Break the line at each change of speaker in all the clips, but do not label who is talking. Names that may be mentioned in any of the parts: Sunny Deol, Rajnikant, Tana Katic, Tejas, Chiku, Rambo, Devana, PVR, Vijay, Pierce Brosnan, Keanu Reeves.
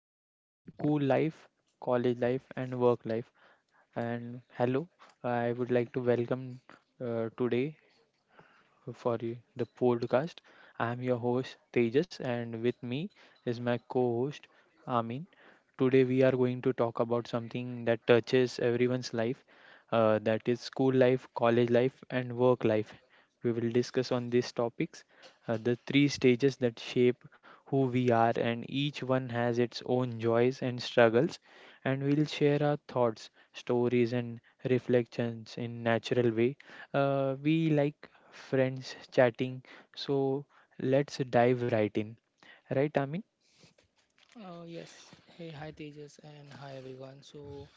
School Life, College Life, and Work Life. And hello, I would like to welcome today for the podcast. I'm your host Tejas, and with me is my co-host Amin. Today we are going to talk about something that touches everyone's life, that is school life, college life, and work life. We will discuss on these topics, the three stages that shape who we are, and each one has its own joys and struggles. And we'll share our thoughts, stories, and reflections in natural way we like friends chatting, so let's dive right in. Right, Amin?
Uh, yes. Hey, hi Tejas, and hi everyone. So,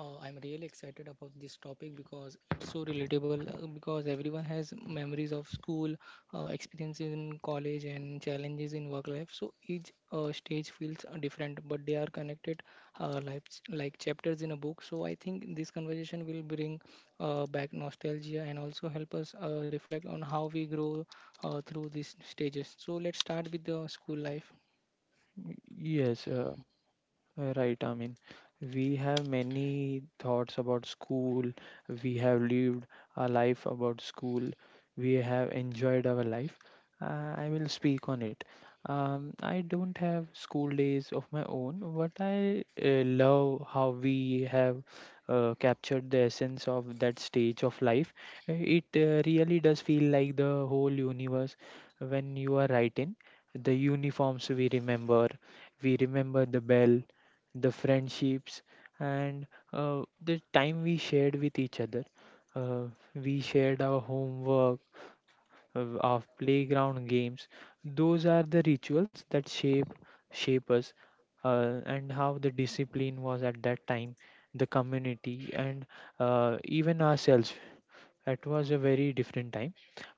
uh, I'm really excited about this topic because it's so relatable. Because everyone has memories of school, experiences in college, and challenges in work life. So each stage feels different, but they are connected, like chapters in a book. So I think this conversation will bring back nostalgia and also help us reflect on how we grow through these stages. So let's start with the school life.
Y- Yes, uh, Right, I mean, we have many thoughts about school. We have lived a life about school. We have enjoyed our life. I will speak on it. I don't have school days of my own, but I love how we have captured the essence of that stage of life. It really does feel like the whole universe when you are writing. The uniforms we remember the bell the friendships, and the time we shared with each other. Uh, we shared our homework, of playground games. Those are the rituals that shape us, and how the discipline was at that time, the community, and even ourselves. It was a very different time.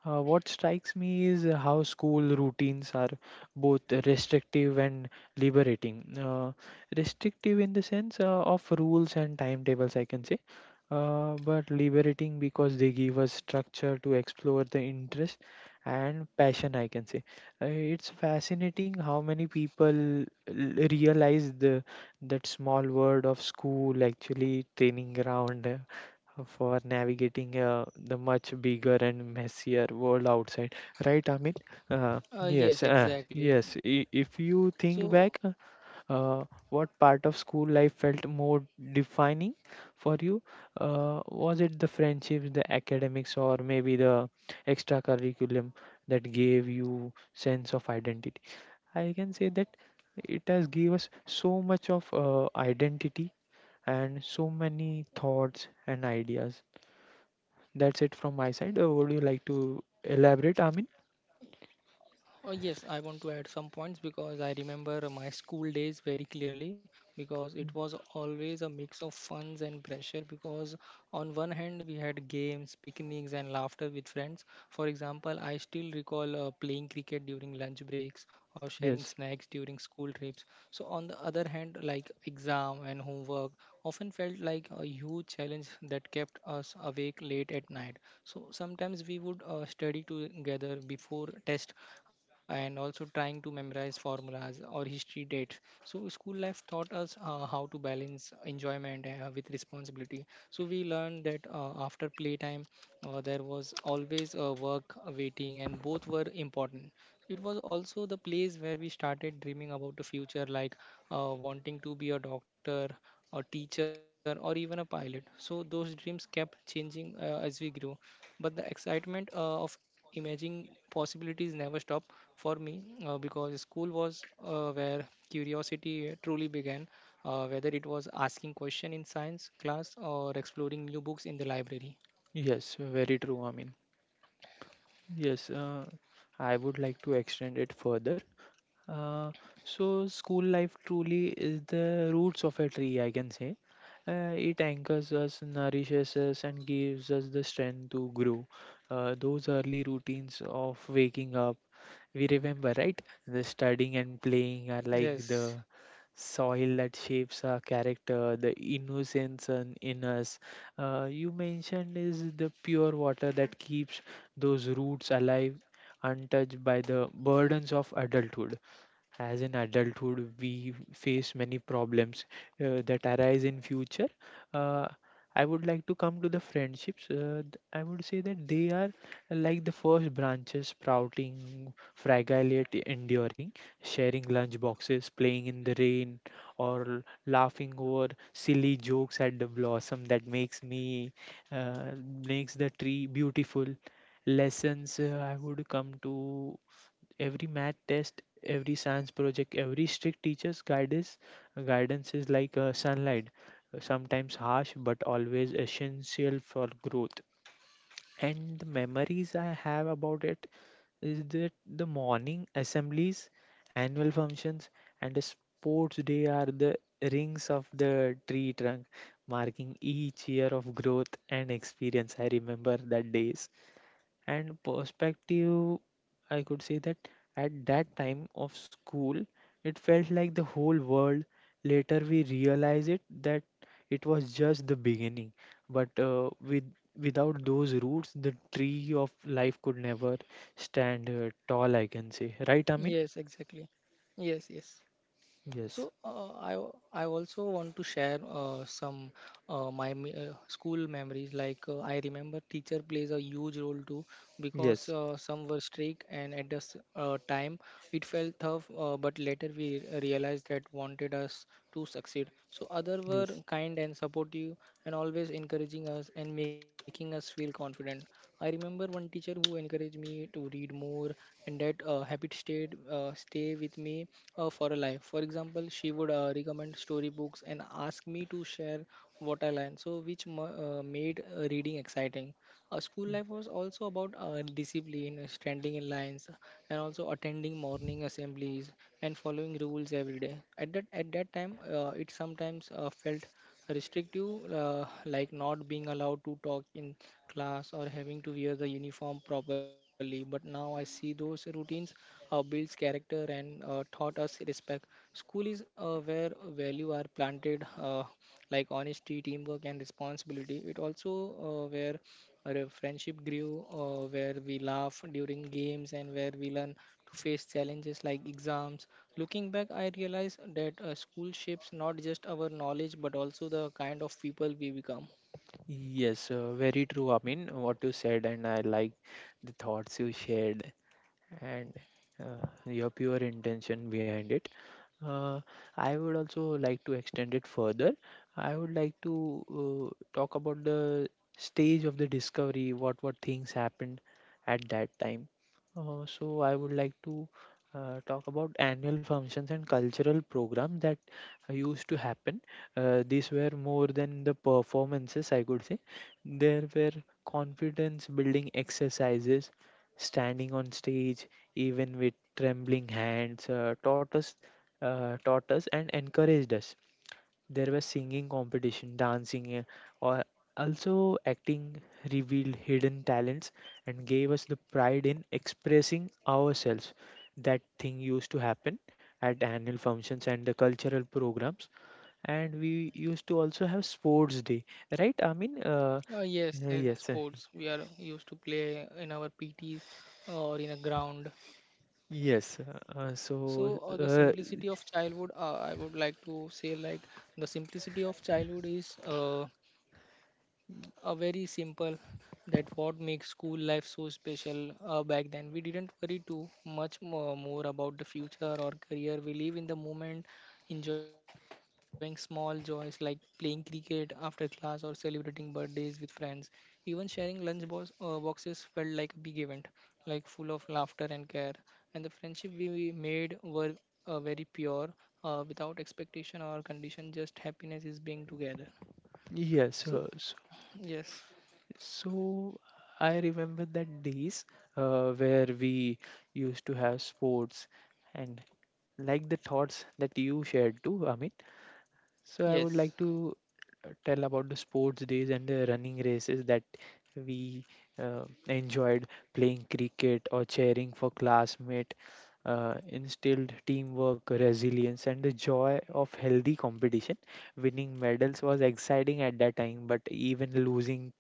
What strikes me is how school routines are both restrictive and liberating. Restrictive in the sense of rules and timetables, I can say, but liberating because they give us structure to explore the interest and passion, I can say. Uh, it's fascinating how many people realize the that small word of school actually training ground for navigating the much bigger and messier world outside, right, amit? uh, yes,
Yes, exactly.
yes. If you think
So,
back, what part of school life felt more defining for you? Was it the friendships, the academics, or maybe the extra curriculum that gave you sense of identity? I can say that it has gave us so much of identity and so many thoughts and ideas. That's it from my side. Would you like to elaborate, Amin?
uh, yes, I want to add some points because I remember my school days very clearly because it was always a mix of funs and pressure. Because on one hand, we had games, picnics, and laughter with friends. For example, I still recall playing cricket during lunch breaks or sharing
Yes,
snacks during school trips. So, on the other hand, like exam and homework often felt like a huge challenge that kept us awake late at night. So sometimes we would study together before test and also trying to memorize formulas or history dates. So school life taught us how to balance enjoyment with responsibility. So we learned that after playtime, there was always work waiting, and both were important. It was also the place where we started dreaming about the future, like wanting to be a doctor, a teacher, or even a pilot. So those dreams kept changing as we grew. But the excitement of imagining possibilities never stopped for me because school was where curiosity truly began, whether it was asking question in science class or exploring new books in the library.
yes, very true, Amin. Yes, I would like to extend it further. Uh, so school life truly is the roots of a tree, I can say. It anchors us, nourishes us, and gives us the strength to grow. Those early routines of waking up, we remember, right? The studying and playing are like
Yes,
the soil that shapes our character, the innocence in us. You mentioned is the pure water that keeps those roots alive, untouched by the burdens of adulthood, as in adulthood we face many problems that arise in future. uh, I would like to come to the friendships, I would say that they are like the first branches sprouting fragile yet enduring, sharing lunch boxes, playing in the rain, or laughing over silly jokes at the blossom that makes me uh, makes the tree beautiful. Lessons, I would come to every math test, every science project, every strict teacher's guidance is like sunlight, sometimes harsh but always essential for growth. And the memories I have about it is that the morning assemblies, annual functions, and the sports day are the rings of the tree trunk, marking each year of growth and experience. I remember that days and perspective. I could say that at that time of school, it felt like the whole world. Later we realize it that it was just the beginning, but with without those roots the tree of life could never stand tall, I can say. Right, Amin?
yes, exactly. Yes, yes.
Yes,
So I also want to share school memories. I remember teacher plays a huge role too because
yes,
some were strict and at the time it felt tough. But later we realized that wanted us to succeed. So other were
yes,
kind and supportive and always encouraging us and making us feel confident. I remember one teacher who encouraged me to read more, and that uh, habit stay with me for a life. For example, she would recommend storybooks and ask me to share what I learned, so which made reading exciting. School life was also about discipline, standing in lines, and also attending morning assemblies and following rules every day. At that time, it sometimes felt restrictive, like not being allowed to talk in class or having to wear the uniform properly. But now I see those routines builds character and taught us respect. School is where value are planted, like honesty, teamwork, and responsibility. It also where our friendship grew, where we laugh during games, and where we learn to face challenges like exams. Looking back, I realized that school shapes not just our knowledge but also the kind of people we become.
yes, very true, I mean, what you said and I like the thoughts you shared and your pure intention behind it. Uh, I would also like to extend it further. I would like to talk about the stage of the discovery, what things happened at that time. So I would like to talk about annual functions and cultural programs that used to happen. These were more than the performances, I could say. There were confidence building exercises, standing on stage even with trembling hands, taught us and encouraged us. There was singing competition, dancing, or also acting, revealed hidden talents and gave us the pride in expressing ourselves. That thing used to happen at annual functions and the cultural programs, and we used to also have sports day, right, I mean?
Yes,
Yes,
sports. We are used to play in our PTs or in a ground.
yes. So,
So the simplicity of childhood, I would like to say, like the simplicity of childhood is a very simple that what makes school life so special back then we didn't worry too much more about the future or career, we live in the moment, enjoying small joys like playing cricket after class or celebrating birthdays with friends, even sharing lunch boxes felt like a big event, like full of laughter and care, and the friendship we made were very pure, without expectation or condition, just happiness is being together.
yes,
so
so,
yes
so I remember that days where we used to have sports and like the thoughts that you shared too, Amit. So I would
yes
like to tell about the sports days and the running races that we enjoyed, playing cricket or cheering for classmate, instilled teamwork, resilience, and the joy of healthy competition. Winning medals was exciting at that time, but even losing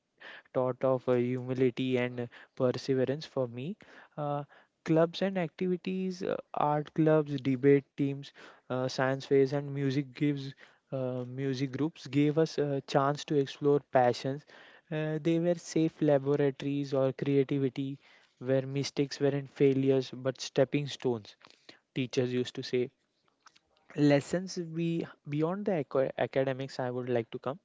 taught of humility and perseverance for me. Uh, Clubs and activities, art clubs, debate teams, science fairs, and music groups gave us a chance to explore passions. They were safe laboratories or creativity where mistakes weren't failures but stepping stones, teachers used to say. Lessons be beyond the academics, I would like to come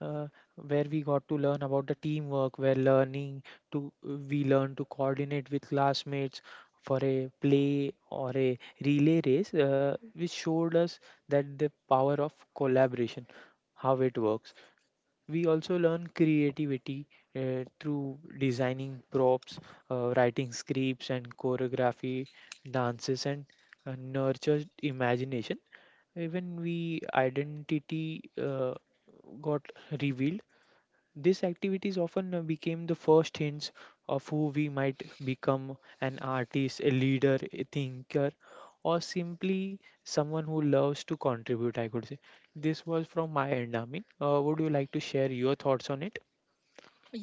uh, where we got to learn about the teamwork, where learning to we learn to coordinate with classmates for a play or a relay race, which showed us that the power of collaboration, how it works. We also learn creativity through designing props, writing scripts and choreography, dances, and nurtured imagination. Even we identity got revealed. These activities often became the first hints of who we might become, an artist, a leader, a thinker, or simply someone who loves to contribute, I could say. This was from my end, Amin. Would you like to share your thoughts on it?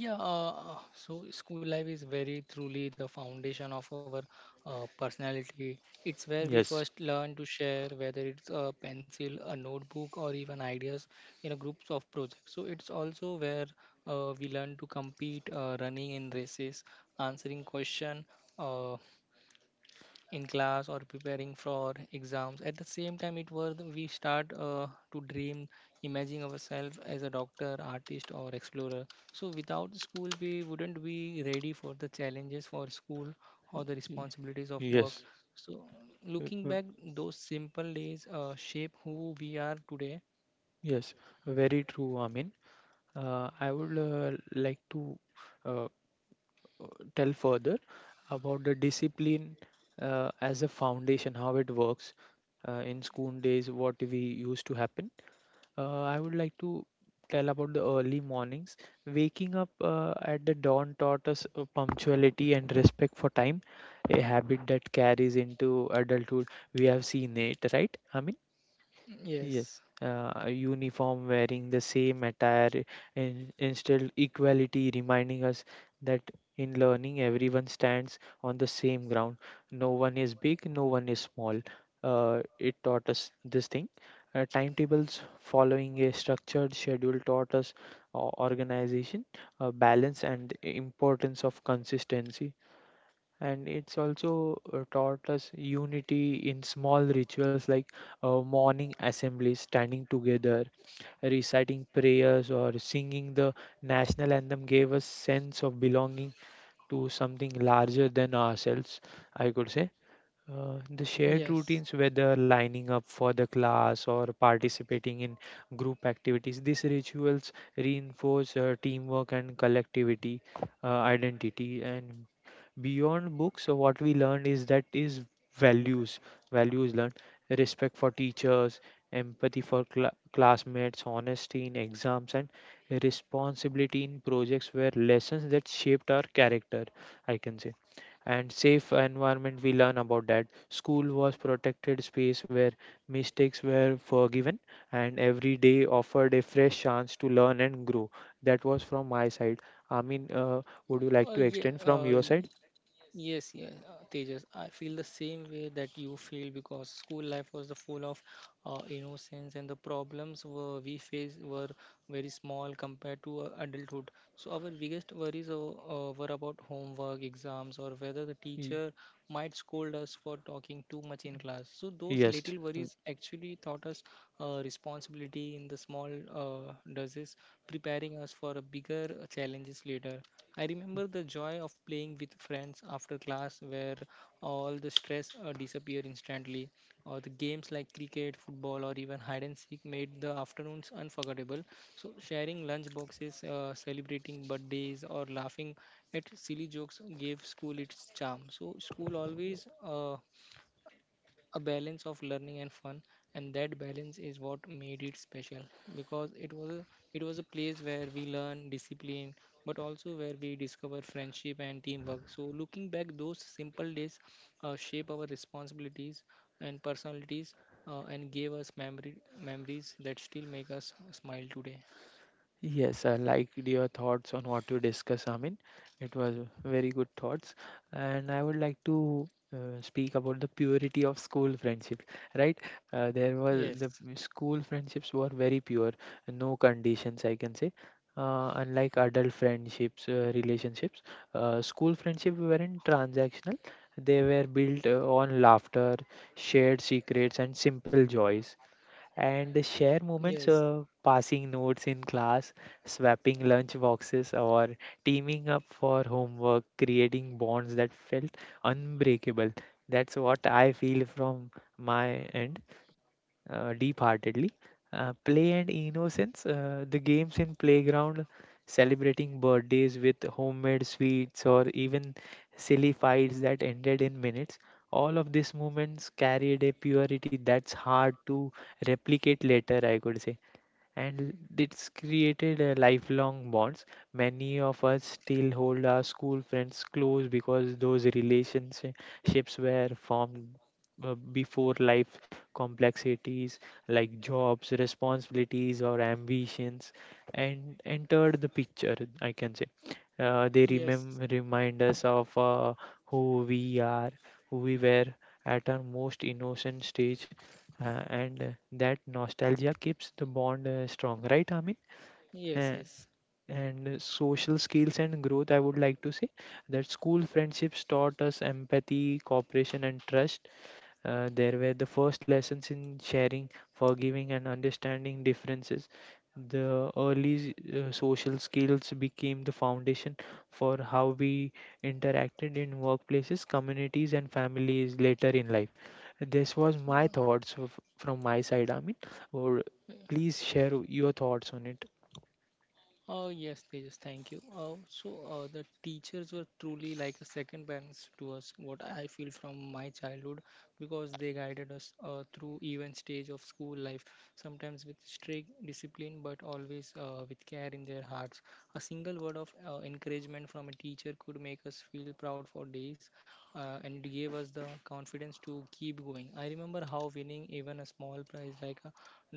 Yeah, so school life is very truly the foundation of our personality. It's where we
Yes,
first learn to share, whether it's a pencil, a notebook, or even ideas in a groups of projects. So it's also where we learn to compete, running in races, answering question, uh, in class or preparing for exams. At the same time, it was we start to dream, imagining ourselves as a doctor, artist, or explorer. So without school we wouldn't be ready for the challenges for school or the
y-
responsibilities of work.
yes,
So
y-
looking
y-
back, those simple days shape who we are today.
yes, very true, Amin. I would like to uh, tell further about the discipline as a foundation, how it works in school days, what we used to happen. I would like to tell about the early mornings. Waking up at the dawn taught us punctuality and respect for time, a habit that carries into adulthood. We have seen it, right? I. Yes,
Yes,
a uniform, wearing the same attire in, instilled equality, reminding us that in learning everyone stands on the same ground. No one is big, no one is small. It taught us this thing. Timetables, following a structured schedule, taught us organization, balance, and importance of consistency, and it's also taught us unity in small rituals like morning assemblies, standing together, reciting prayers, or singing the national anthem, gave us sense of belonging to something larger than ourselves, I could say. The shared
yes.
routines, whether lining up for the class or participating in group activities, these rituals reinforce teamwork and collectivity identity. And beyond books, so what we learn is that is values, values learned, respect for teachers, empathy for classmates, honesty in exams, and responsibility in projects were lessons that shaped our character, I can say. And safe environment, we learn about that school was protected space where mistakes were forgiven and every day offered a fresh chance to learn and grow. That was from my side, I mean. Would you
uh,
like to
yeah,
extend from
uh,
your side?
Yes, yes, Tejas. I feel the same way that you feel because school life was the full of innocence and the problems were we faced were very small compared to adulthood. So our biggest worries were about homework, exams, or whether the
Y-
teacher might scold us for talking too much in class. So those
yes.
little worries actually taught us responsibility in the small doses, preparing us for a bigger challenges later. I remember the joy of playing with friends after class, where all the stress disappeared instantly. Or the games like cricket, football, or even hide and seek made the afternoons unforgettable. So sharing lunch boxes, celebrating birthdays, or laughing at silly jokes gave school its charm. So school always a balance of learning and fun, and that balance is what made it special, because it was a place where we learn discipline but also where we discover friendship and teamwork. So looking back, those simple days shape our responsibilities and personalities, and gave us memory memories that still make us smile today.
Yes, I liked your thoughts on what you discussed, Amin. It was very good thoughts. And I would like to speak about the purity of school friendships, right? There was
Yes,
the school friendships were very pure, no conditions, I can say. Unlike adult friendships, relationships, school friendships weren't transactional. They were built on laughter, shared secrets, and simple joys, and share moments,
yes.
passing notes in class, swapping lunch boxes, or teaming up for homework, creating bonds that felt unbreakable. That's what I feel from my end, deep heartedly. Play and innocence, the games in playground, celebrating birthdays with homemade sweets, or even silly fights that ended in minutes. All of these moments carried a purity that's hard to replicate later, I could say, and it's created a lifelong bonds. Many of us still hold our school friends close because those relationships were formed before life complexities like jobs, responsibilities, or ambitions and entered the picture, I can say. They
Yes,
remind us of who we are, who we were at our most innocent stage and that nostalgia keeps the bond strong, right, Amin?
yes,
Uh,
yes.
and Social skills and growth, I would like to say that school friendships taught us empathy, cooperation, and trust. There were the first lessons in sharing, forgiving, and understanding differences. The early social skills became the foundation for how we interacted in workplaces, communities, and families later in life. This was my thoughts from my side, Amit. Or
Uh,
please share your thoughts on it.
Oh yes, Tejas, thank you. So the teachers were truly like a second parents to us. What I feel from my childhood, because they guided us through even stage of school life, sometimes with strict discipline, but always with care in their hearts. A single word of encouragement from a teacher could make us feel proud for days, and it gave us the confidence to keep going. I remember how winning even a small prize like a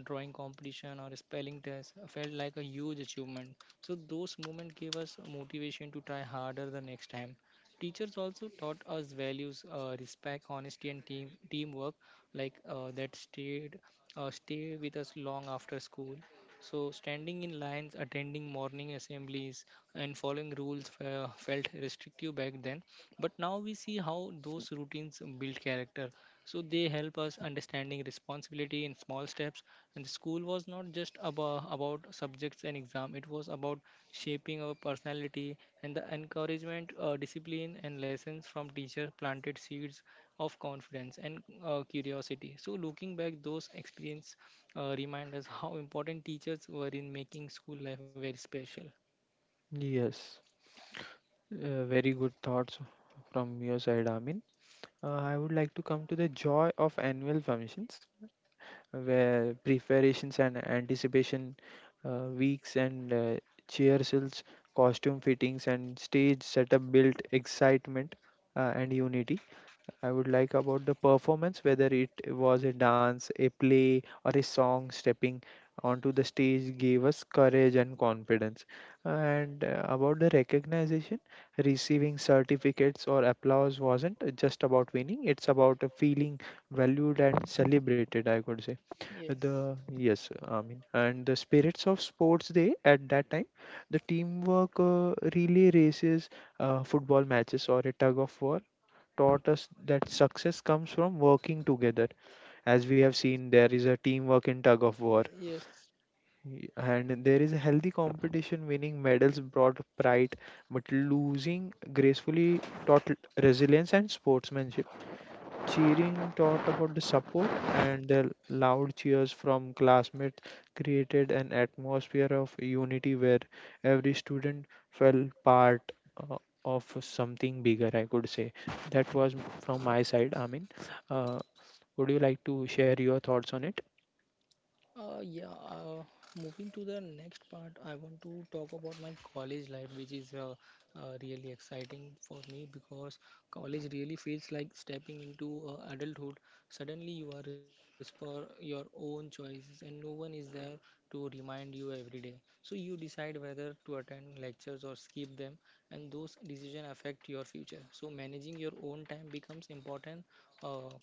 drawing competition or spelling test felt like a huge achievement. So those moments gave us motivation to try harder the next time. Teachers also taught us values, respect, honesty, and teamwork, like that stay with us long after school. So standing in lines, attending morning assemblies, and following rules felt restrictive back then. But now we see how those routines build character, so they help us understanding responsibility in small steps. And the school was not just about subjects and exam; it was about shaping our personality, and the encouragement, discipline, and lessons from teachers planted seeds of confidence and curiosity. So looking back, those experience remind us how important teachers were in making school life very special.
Yes, very good thoughts from your side, Amin. I would like to come to the joy of annual functions, where preparations and anticipation, weeks, and rehearsals, costume fittings, and stage setup built excitement and unity. I would like about the performance, whether it was a dance, a play, or a song, stepping onto the stage gave us courage and confidence. And about the recognition, receiving certificates or applause wasn't just about winning, it's about feeling valued and celebrated, I could say.
Yes,
The yes i mean and the spirits of sports day at that time, the teamwork, relay races, football matches, or a tug of war taught us that success comes from working together. As we have seen, there is a teamwork in tug of war,
yes.
y- and there is a healthy competition. Winning medals brought pride, but losing gracefully taught resilience and sportsmanship. Cheering taught about the support, and the loud cheers from classmates created an atmosphere of unity where every student felt part uh, of something bigger, I could say. That was from my side, Amin. Uh, would you like to share your thoughts on it?
Uh, yeah, uh, Moving to the next part, I want to talk about my college life, which is really exciting for me because college really feels like stepping into adulthood. Suddenly, you are responsible for your own choices, and no one is there to remind you every day. So, you decide whether to attend lectures or skip them, and those decisions affect your future. So, managing your own time becomes important. Uh,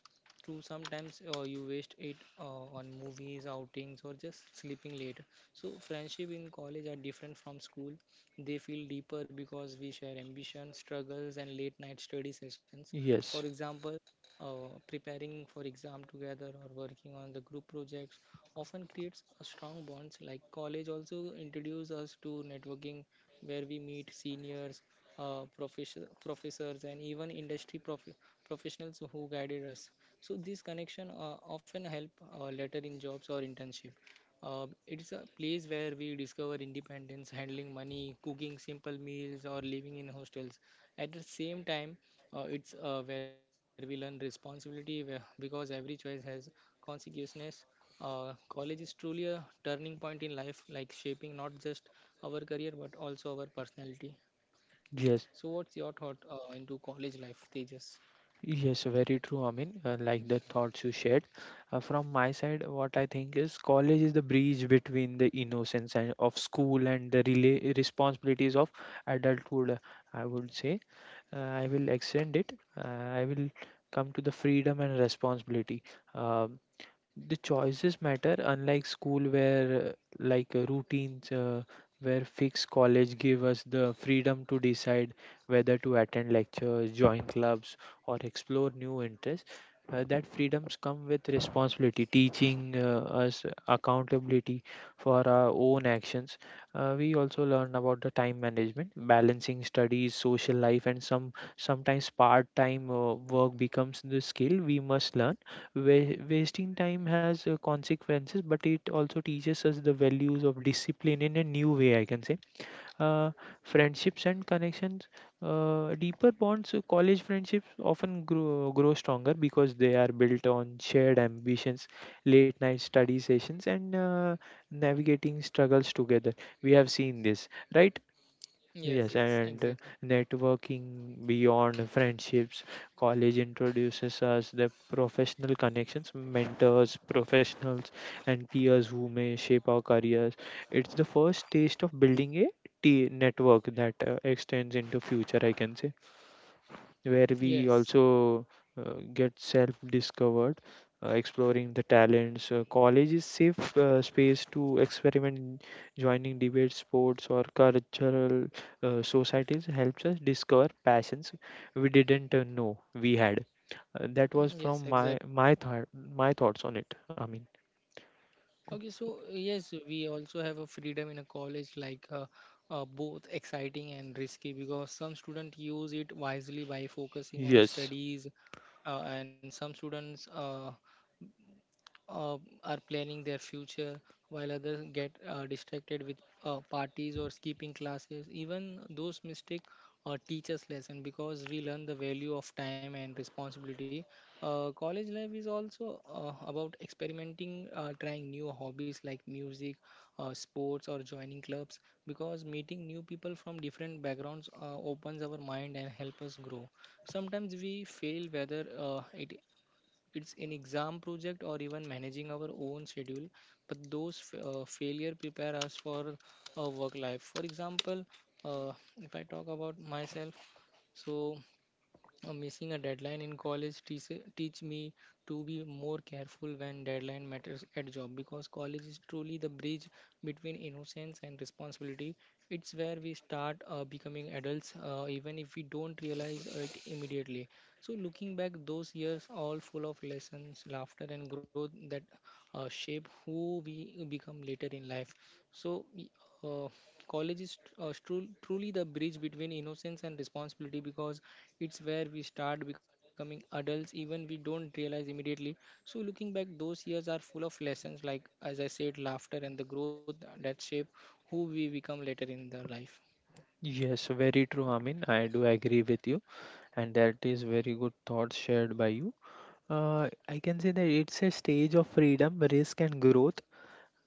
True, sometimes you waste it on movies, outings, or just sleeping late. So, friendship in college are different from school. They feel deeper because we share ambition, struggles, and late night study sessions. For
Yes,
example, preparing for exam together or working on the group projects often creates a strong bonds. Like college also introduces us to networking where we meet seniors, uh, professors, and even industry professionals who guided us. So this connection often help later in jobs or internship. It's a place where we discover independence, handling money, cooking simple meals, or living in hostels. At the same time, it's where we learn responsibility where, because every choice has consequences. College is truly a turning point in life, like shaping not just our career but also our personality. So,
yes.
what's your thought into college life, Tejas?
Yes, very true. I mean, like the thoughts you shared. From my side, what I think is college is the bridge between the innocence and of school and the rela responsibilities of adulthood. I would say I will extend it. I will come to the freedom and responsibility. Um the choices matter. Unlike school where routines where fixed, college give us the freedom to decide whether to attend lectures, join clubs, or explore new interests. That freedoms come with responsibility, teaching us accountability for our own actions. We also learn about the time management. Balancing studies, social life, and sometimes part time work becomes the skill we must learn. Wasting time has consequences, but it also teaches us the values of discipline in a new way, I can say. Uh, Friendships and connections, deeper bonds, college friendships often grow stronger because they are built on shared ambitions, late night study sessions, and navigating struggles together. We have seen this, right?
Yes,
Yes,
yes,
and
exactly.
networking beyond friendships. College introduces us the professional connections, mentors, professionals, and peers who may shape our careers. It's the first taste of building a network that extends into future, I can say, where we
Yes.
also get self discovered. Exploring the talents, college is safe space to experiment. Joining debate, sports, or cultural societies helps us discover passions we didn't know we had. That was
Mm, yes,
from my
exactly.
my thought my thoughts on it, I mean.
Okay, so yes, we also have a freedom in a college, like both exciting and risky, because some students use it wisely by focusing on
Yes,
studies, and some students uh, are planning their future, while others get distracted with parties or skipping classes. Even those mistakes teach us lesson because we learn the value of time and responsibility. College life is also about experimenting, trying new hobbies like music, sports, or joining clubs because meeting new people from different backgrounds opens our mind and help us grow. Sometimes we fail, whether it's in exam project or even managing our own schedule, but those failure prepare us for a work life. For example, uh, if I talk about myself, so missing a deadline in college teach me to be more careful when deadline matters at job, because college is truly the bridge between innocence and responsibility. It's where we start becoming adults, even if we don't realize it immediately. So looking back, those years all full of lessons, laughter and growth that shape who we become later in life. so, y- uh, College is truly the bridge between innocence and responsibility, because it's where we start becoming adults, even we don't realize immediately. So, looking back, those years are full of lessons, like as I said, laughter and the growth that shape who we become later in the life.
yes, very true. I mean, I do agree with you, and that is very good thoughts shared by you. I can say that it's a stage of freedom, risk, and growth.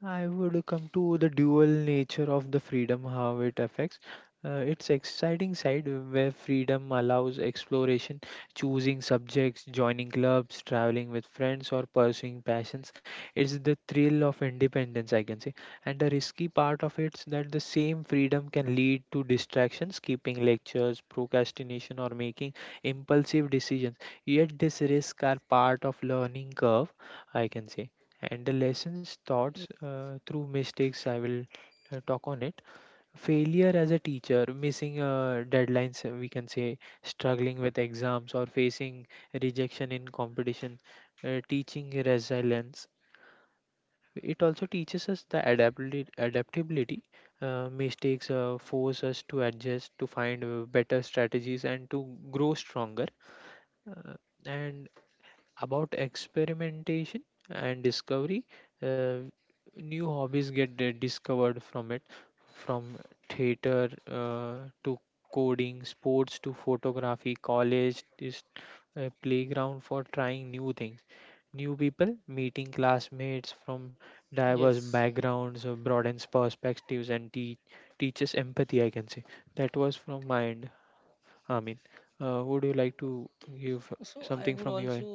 I would come to the dual nature of the freedom, how it affects. Its exciting side, where freedom allows exploration, choosing subjects, joining clubs, traveling with friends, or pursuing passions. It's the thrill of independence, I can say. And the risky part of it is that the same freedom can lead to distractions, skipping lectures, procrastination, or making impulsive decisions. Yet, these risks are part of learning curve, I can say, and the lessons taught
Y-
through mistakes, I will talk on it. Failure as a teacher, missing deadlines, we can say, struggling with exams or facing rejection in competition, teaching resilience. It also teaches us the adaptability. Mistakes force us to adjust, to find better strategies, and to grow stronger. Uh, and about experimentation and discovery. Uh, New hobbies get discovered from it, from theater to coding, sports to photography, college is a playground for trying new things. New people, meeting classmates from
Yes.
diverse backgrounds, broadens perspectives and teaches empathy, I can say. That was from my end. I mean, would you like to give
So I
something
would
from your
also,
end?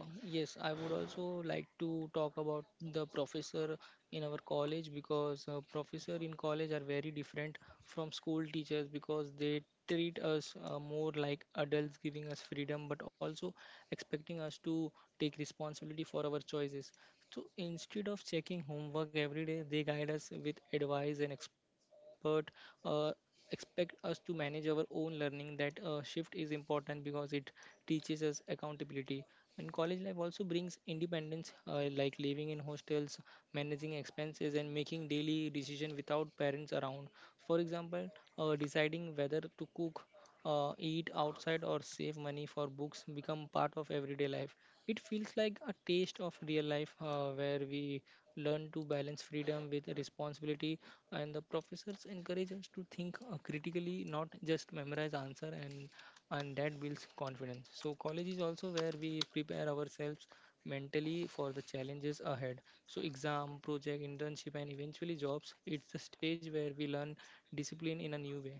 yes, I would also like to talk about the professor in our college, because professor in college are very different from school teachers, because they treat us more like adults, giving us freedom, but also expecting us to take responsibility for our choices. So instead of checking homework every day, they guide us with advice and expert uh, expect us to manage our own learning. That shift is important because it teaches us accountability. And college life also brings independence, like living in hostels, managing expenses, and making daily decision without parents around. For example, deciding whether to cook eat outside or save money for books become part of everyday life. It feels like a taste of real life where we learn to balance freedom with responsibility. And the professors encourage us to think critically, not just memorize answer. And that builds confidence. So college is also where we prepare ourselves mentally for the challenges ahead. So exam project internship and eventually jobs, it's the stage where we learn discipline in a new way.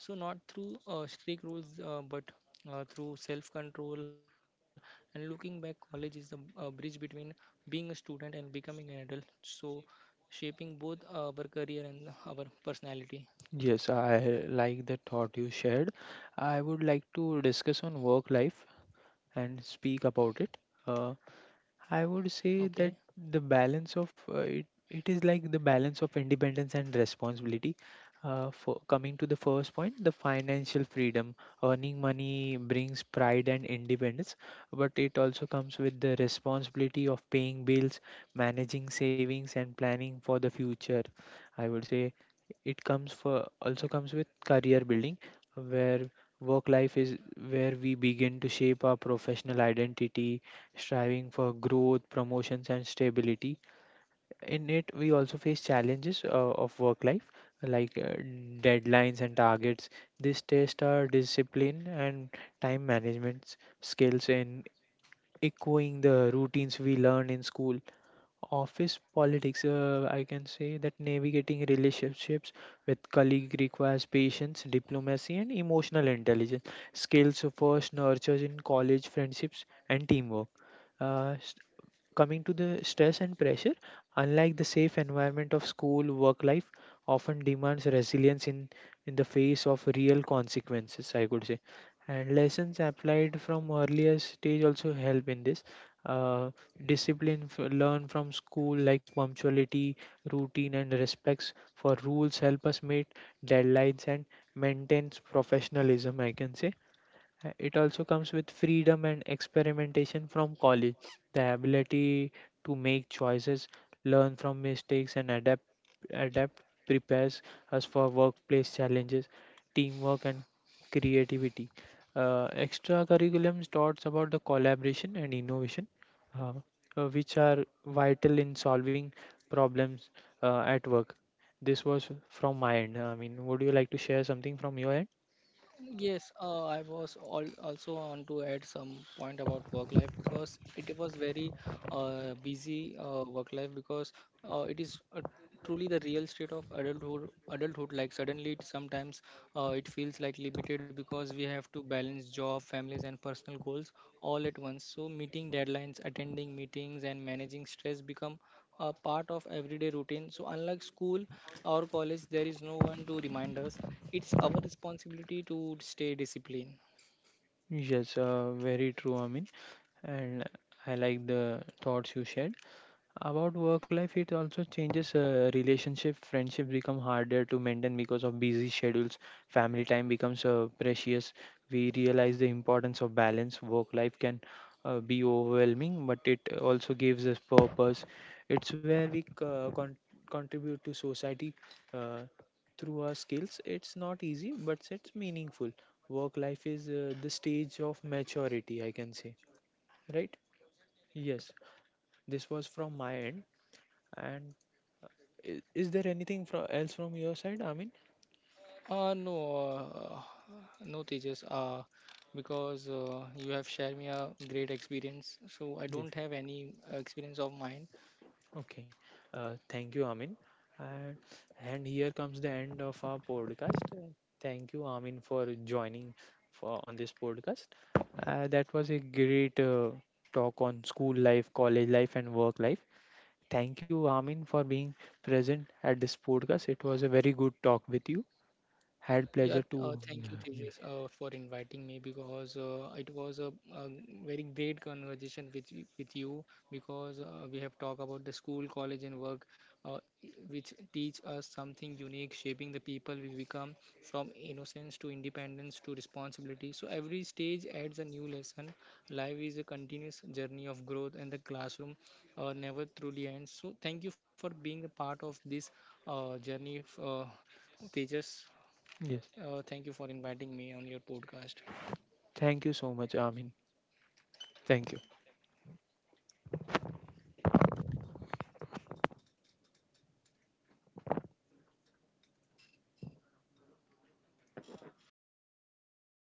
So not through strict rules, but through self-control. And looking back, college is the bridge between being a student and becoming an adult, so shaping both our career and our personality.
Yes, I like the thought you shared. I would like to discuss on work life and speak about it. Uh, I would say
Okay.
that the balance of it is like the balance of independence and responsibility. For coming to the first point, the financial freedom, earning money brings pride and independence, but it also comes with the responsibility of paying bills, managing savings, and planning for the future. I would say it comes for also comes with career building, where work life is where we begin to shape our professional identity, striving for growth, promotions, and stability. In it, we also face challenges of work life, like deadlines and targets. This test our discipline and time management skills, and echoing the routines we learned in school. Office politics, I can say that navigating relationships with colleague requires patience, diplomacy, and emotional intelligence. Skills first nurtured in college friendships and teamwork. Uh, s- Coming to the stress and pressure, unlike the safe environment of school, work life often demands resilience in the face of real consequences, I could say. And lessons applied from earlier stage also help in this. Uh, Discipline learned from school, like punctuality, routine, and respects for rules, help us meet deadlines and maintains professionalism, I can say. It also comes with freedom and experimentation from college, the ability to make choices, learn from mistakes, and adapt. Prepares us for workplace challenges, teamwork, and creativity. Extra curriculums taught about the collaboration and innovation, uh, which are vital in solving problems at work. This was from my end. I mean, would you like to share something from your end?
Yes, I was all also on to add some point about work life, because it was very busy work life, because it is truly the real state of adulthood. Adulthood, like suddenly it sometimes it feels like limited, because we have to balance job, families, and personal goals all at once. So meeting deadlines, attending meetings, and managing stress become a part of everyday routine. So, unlike school or college, there is no one to remind us. It's our responsibility to stay disciplined.
Yes, very true, Amin. And I like the thoughts you shared. About work life, it also changes. Relationship, friendships become harder to maintain because of busy schedules. Family time becomes precious. We realize the importance of balance. Work life can be overwhelming, but it also gives us purpose. It's where we contribute to society uh, through our skills. It's not easy, but it's meaningful. Work life is the stage of maturity, I can say. Right? Yes. This was from my end, and is there anything else from your side, Amin?
Uh, no, uh, no, Tejas, because you have shared me a great experience. So, I
Yes.
don't have any experience of mine.
Okay. Thank you, Amin. And, and here comes the end of our podcast. Thank you, Amin, for joining for on this podcast. That was a great talk on school life, college life, and work life. Thank you, Amin, for being present at this podcast. It was a very good talk with you. Had
Yeah,
pleasure to.
thank you, Tejas, for inviting me, because a very great conversation with with you, because we have talked about the school, college, and work, uh, i- which teach us something unique, shaping the people we become from innocence to independence to responsibility. So every stage adds a new lesson. Life is a continuous journey of growth, and the classroom never truly ends. So thank you for being a part of this journey, Tejas.
Yes.
Thank you for inviting me on your podcast.
Thank you so much, Amin. Thank you.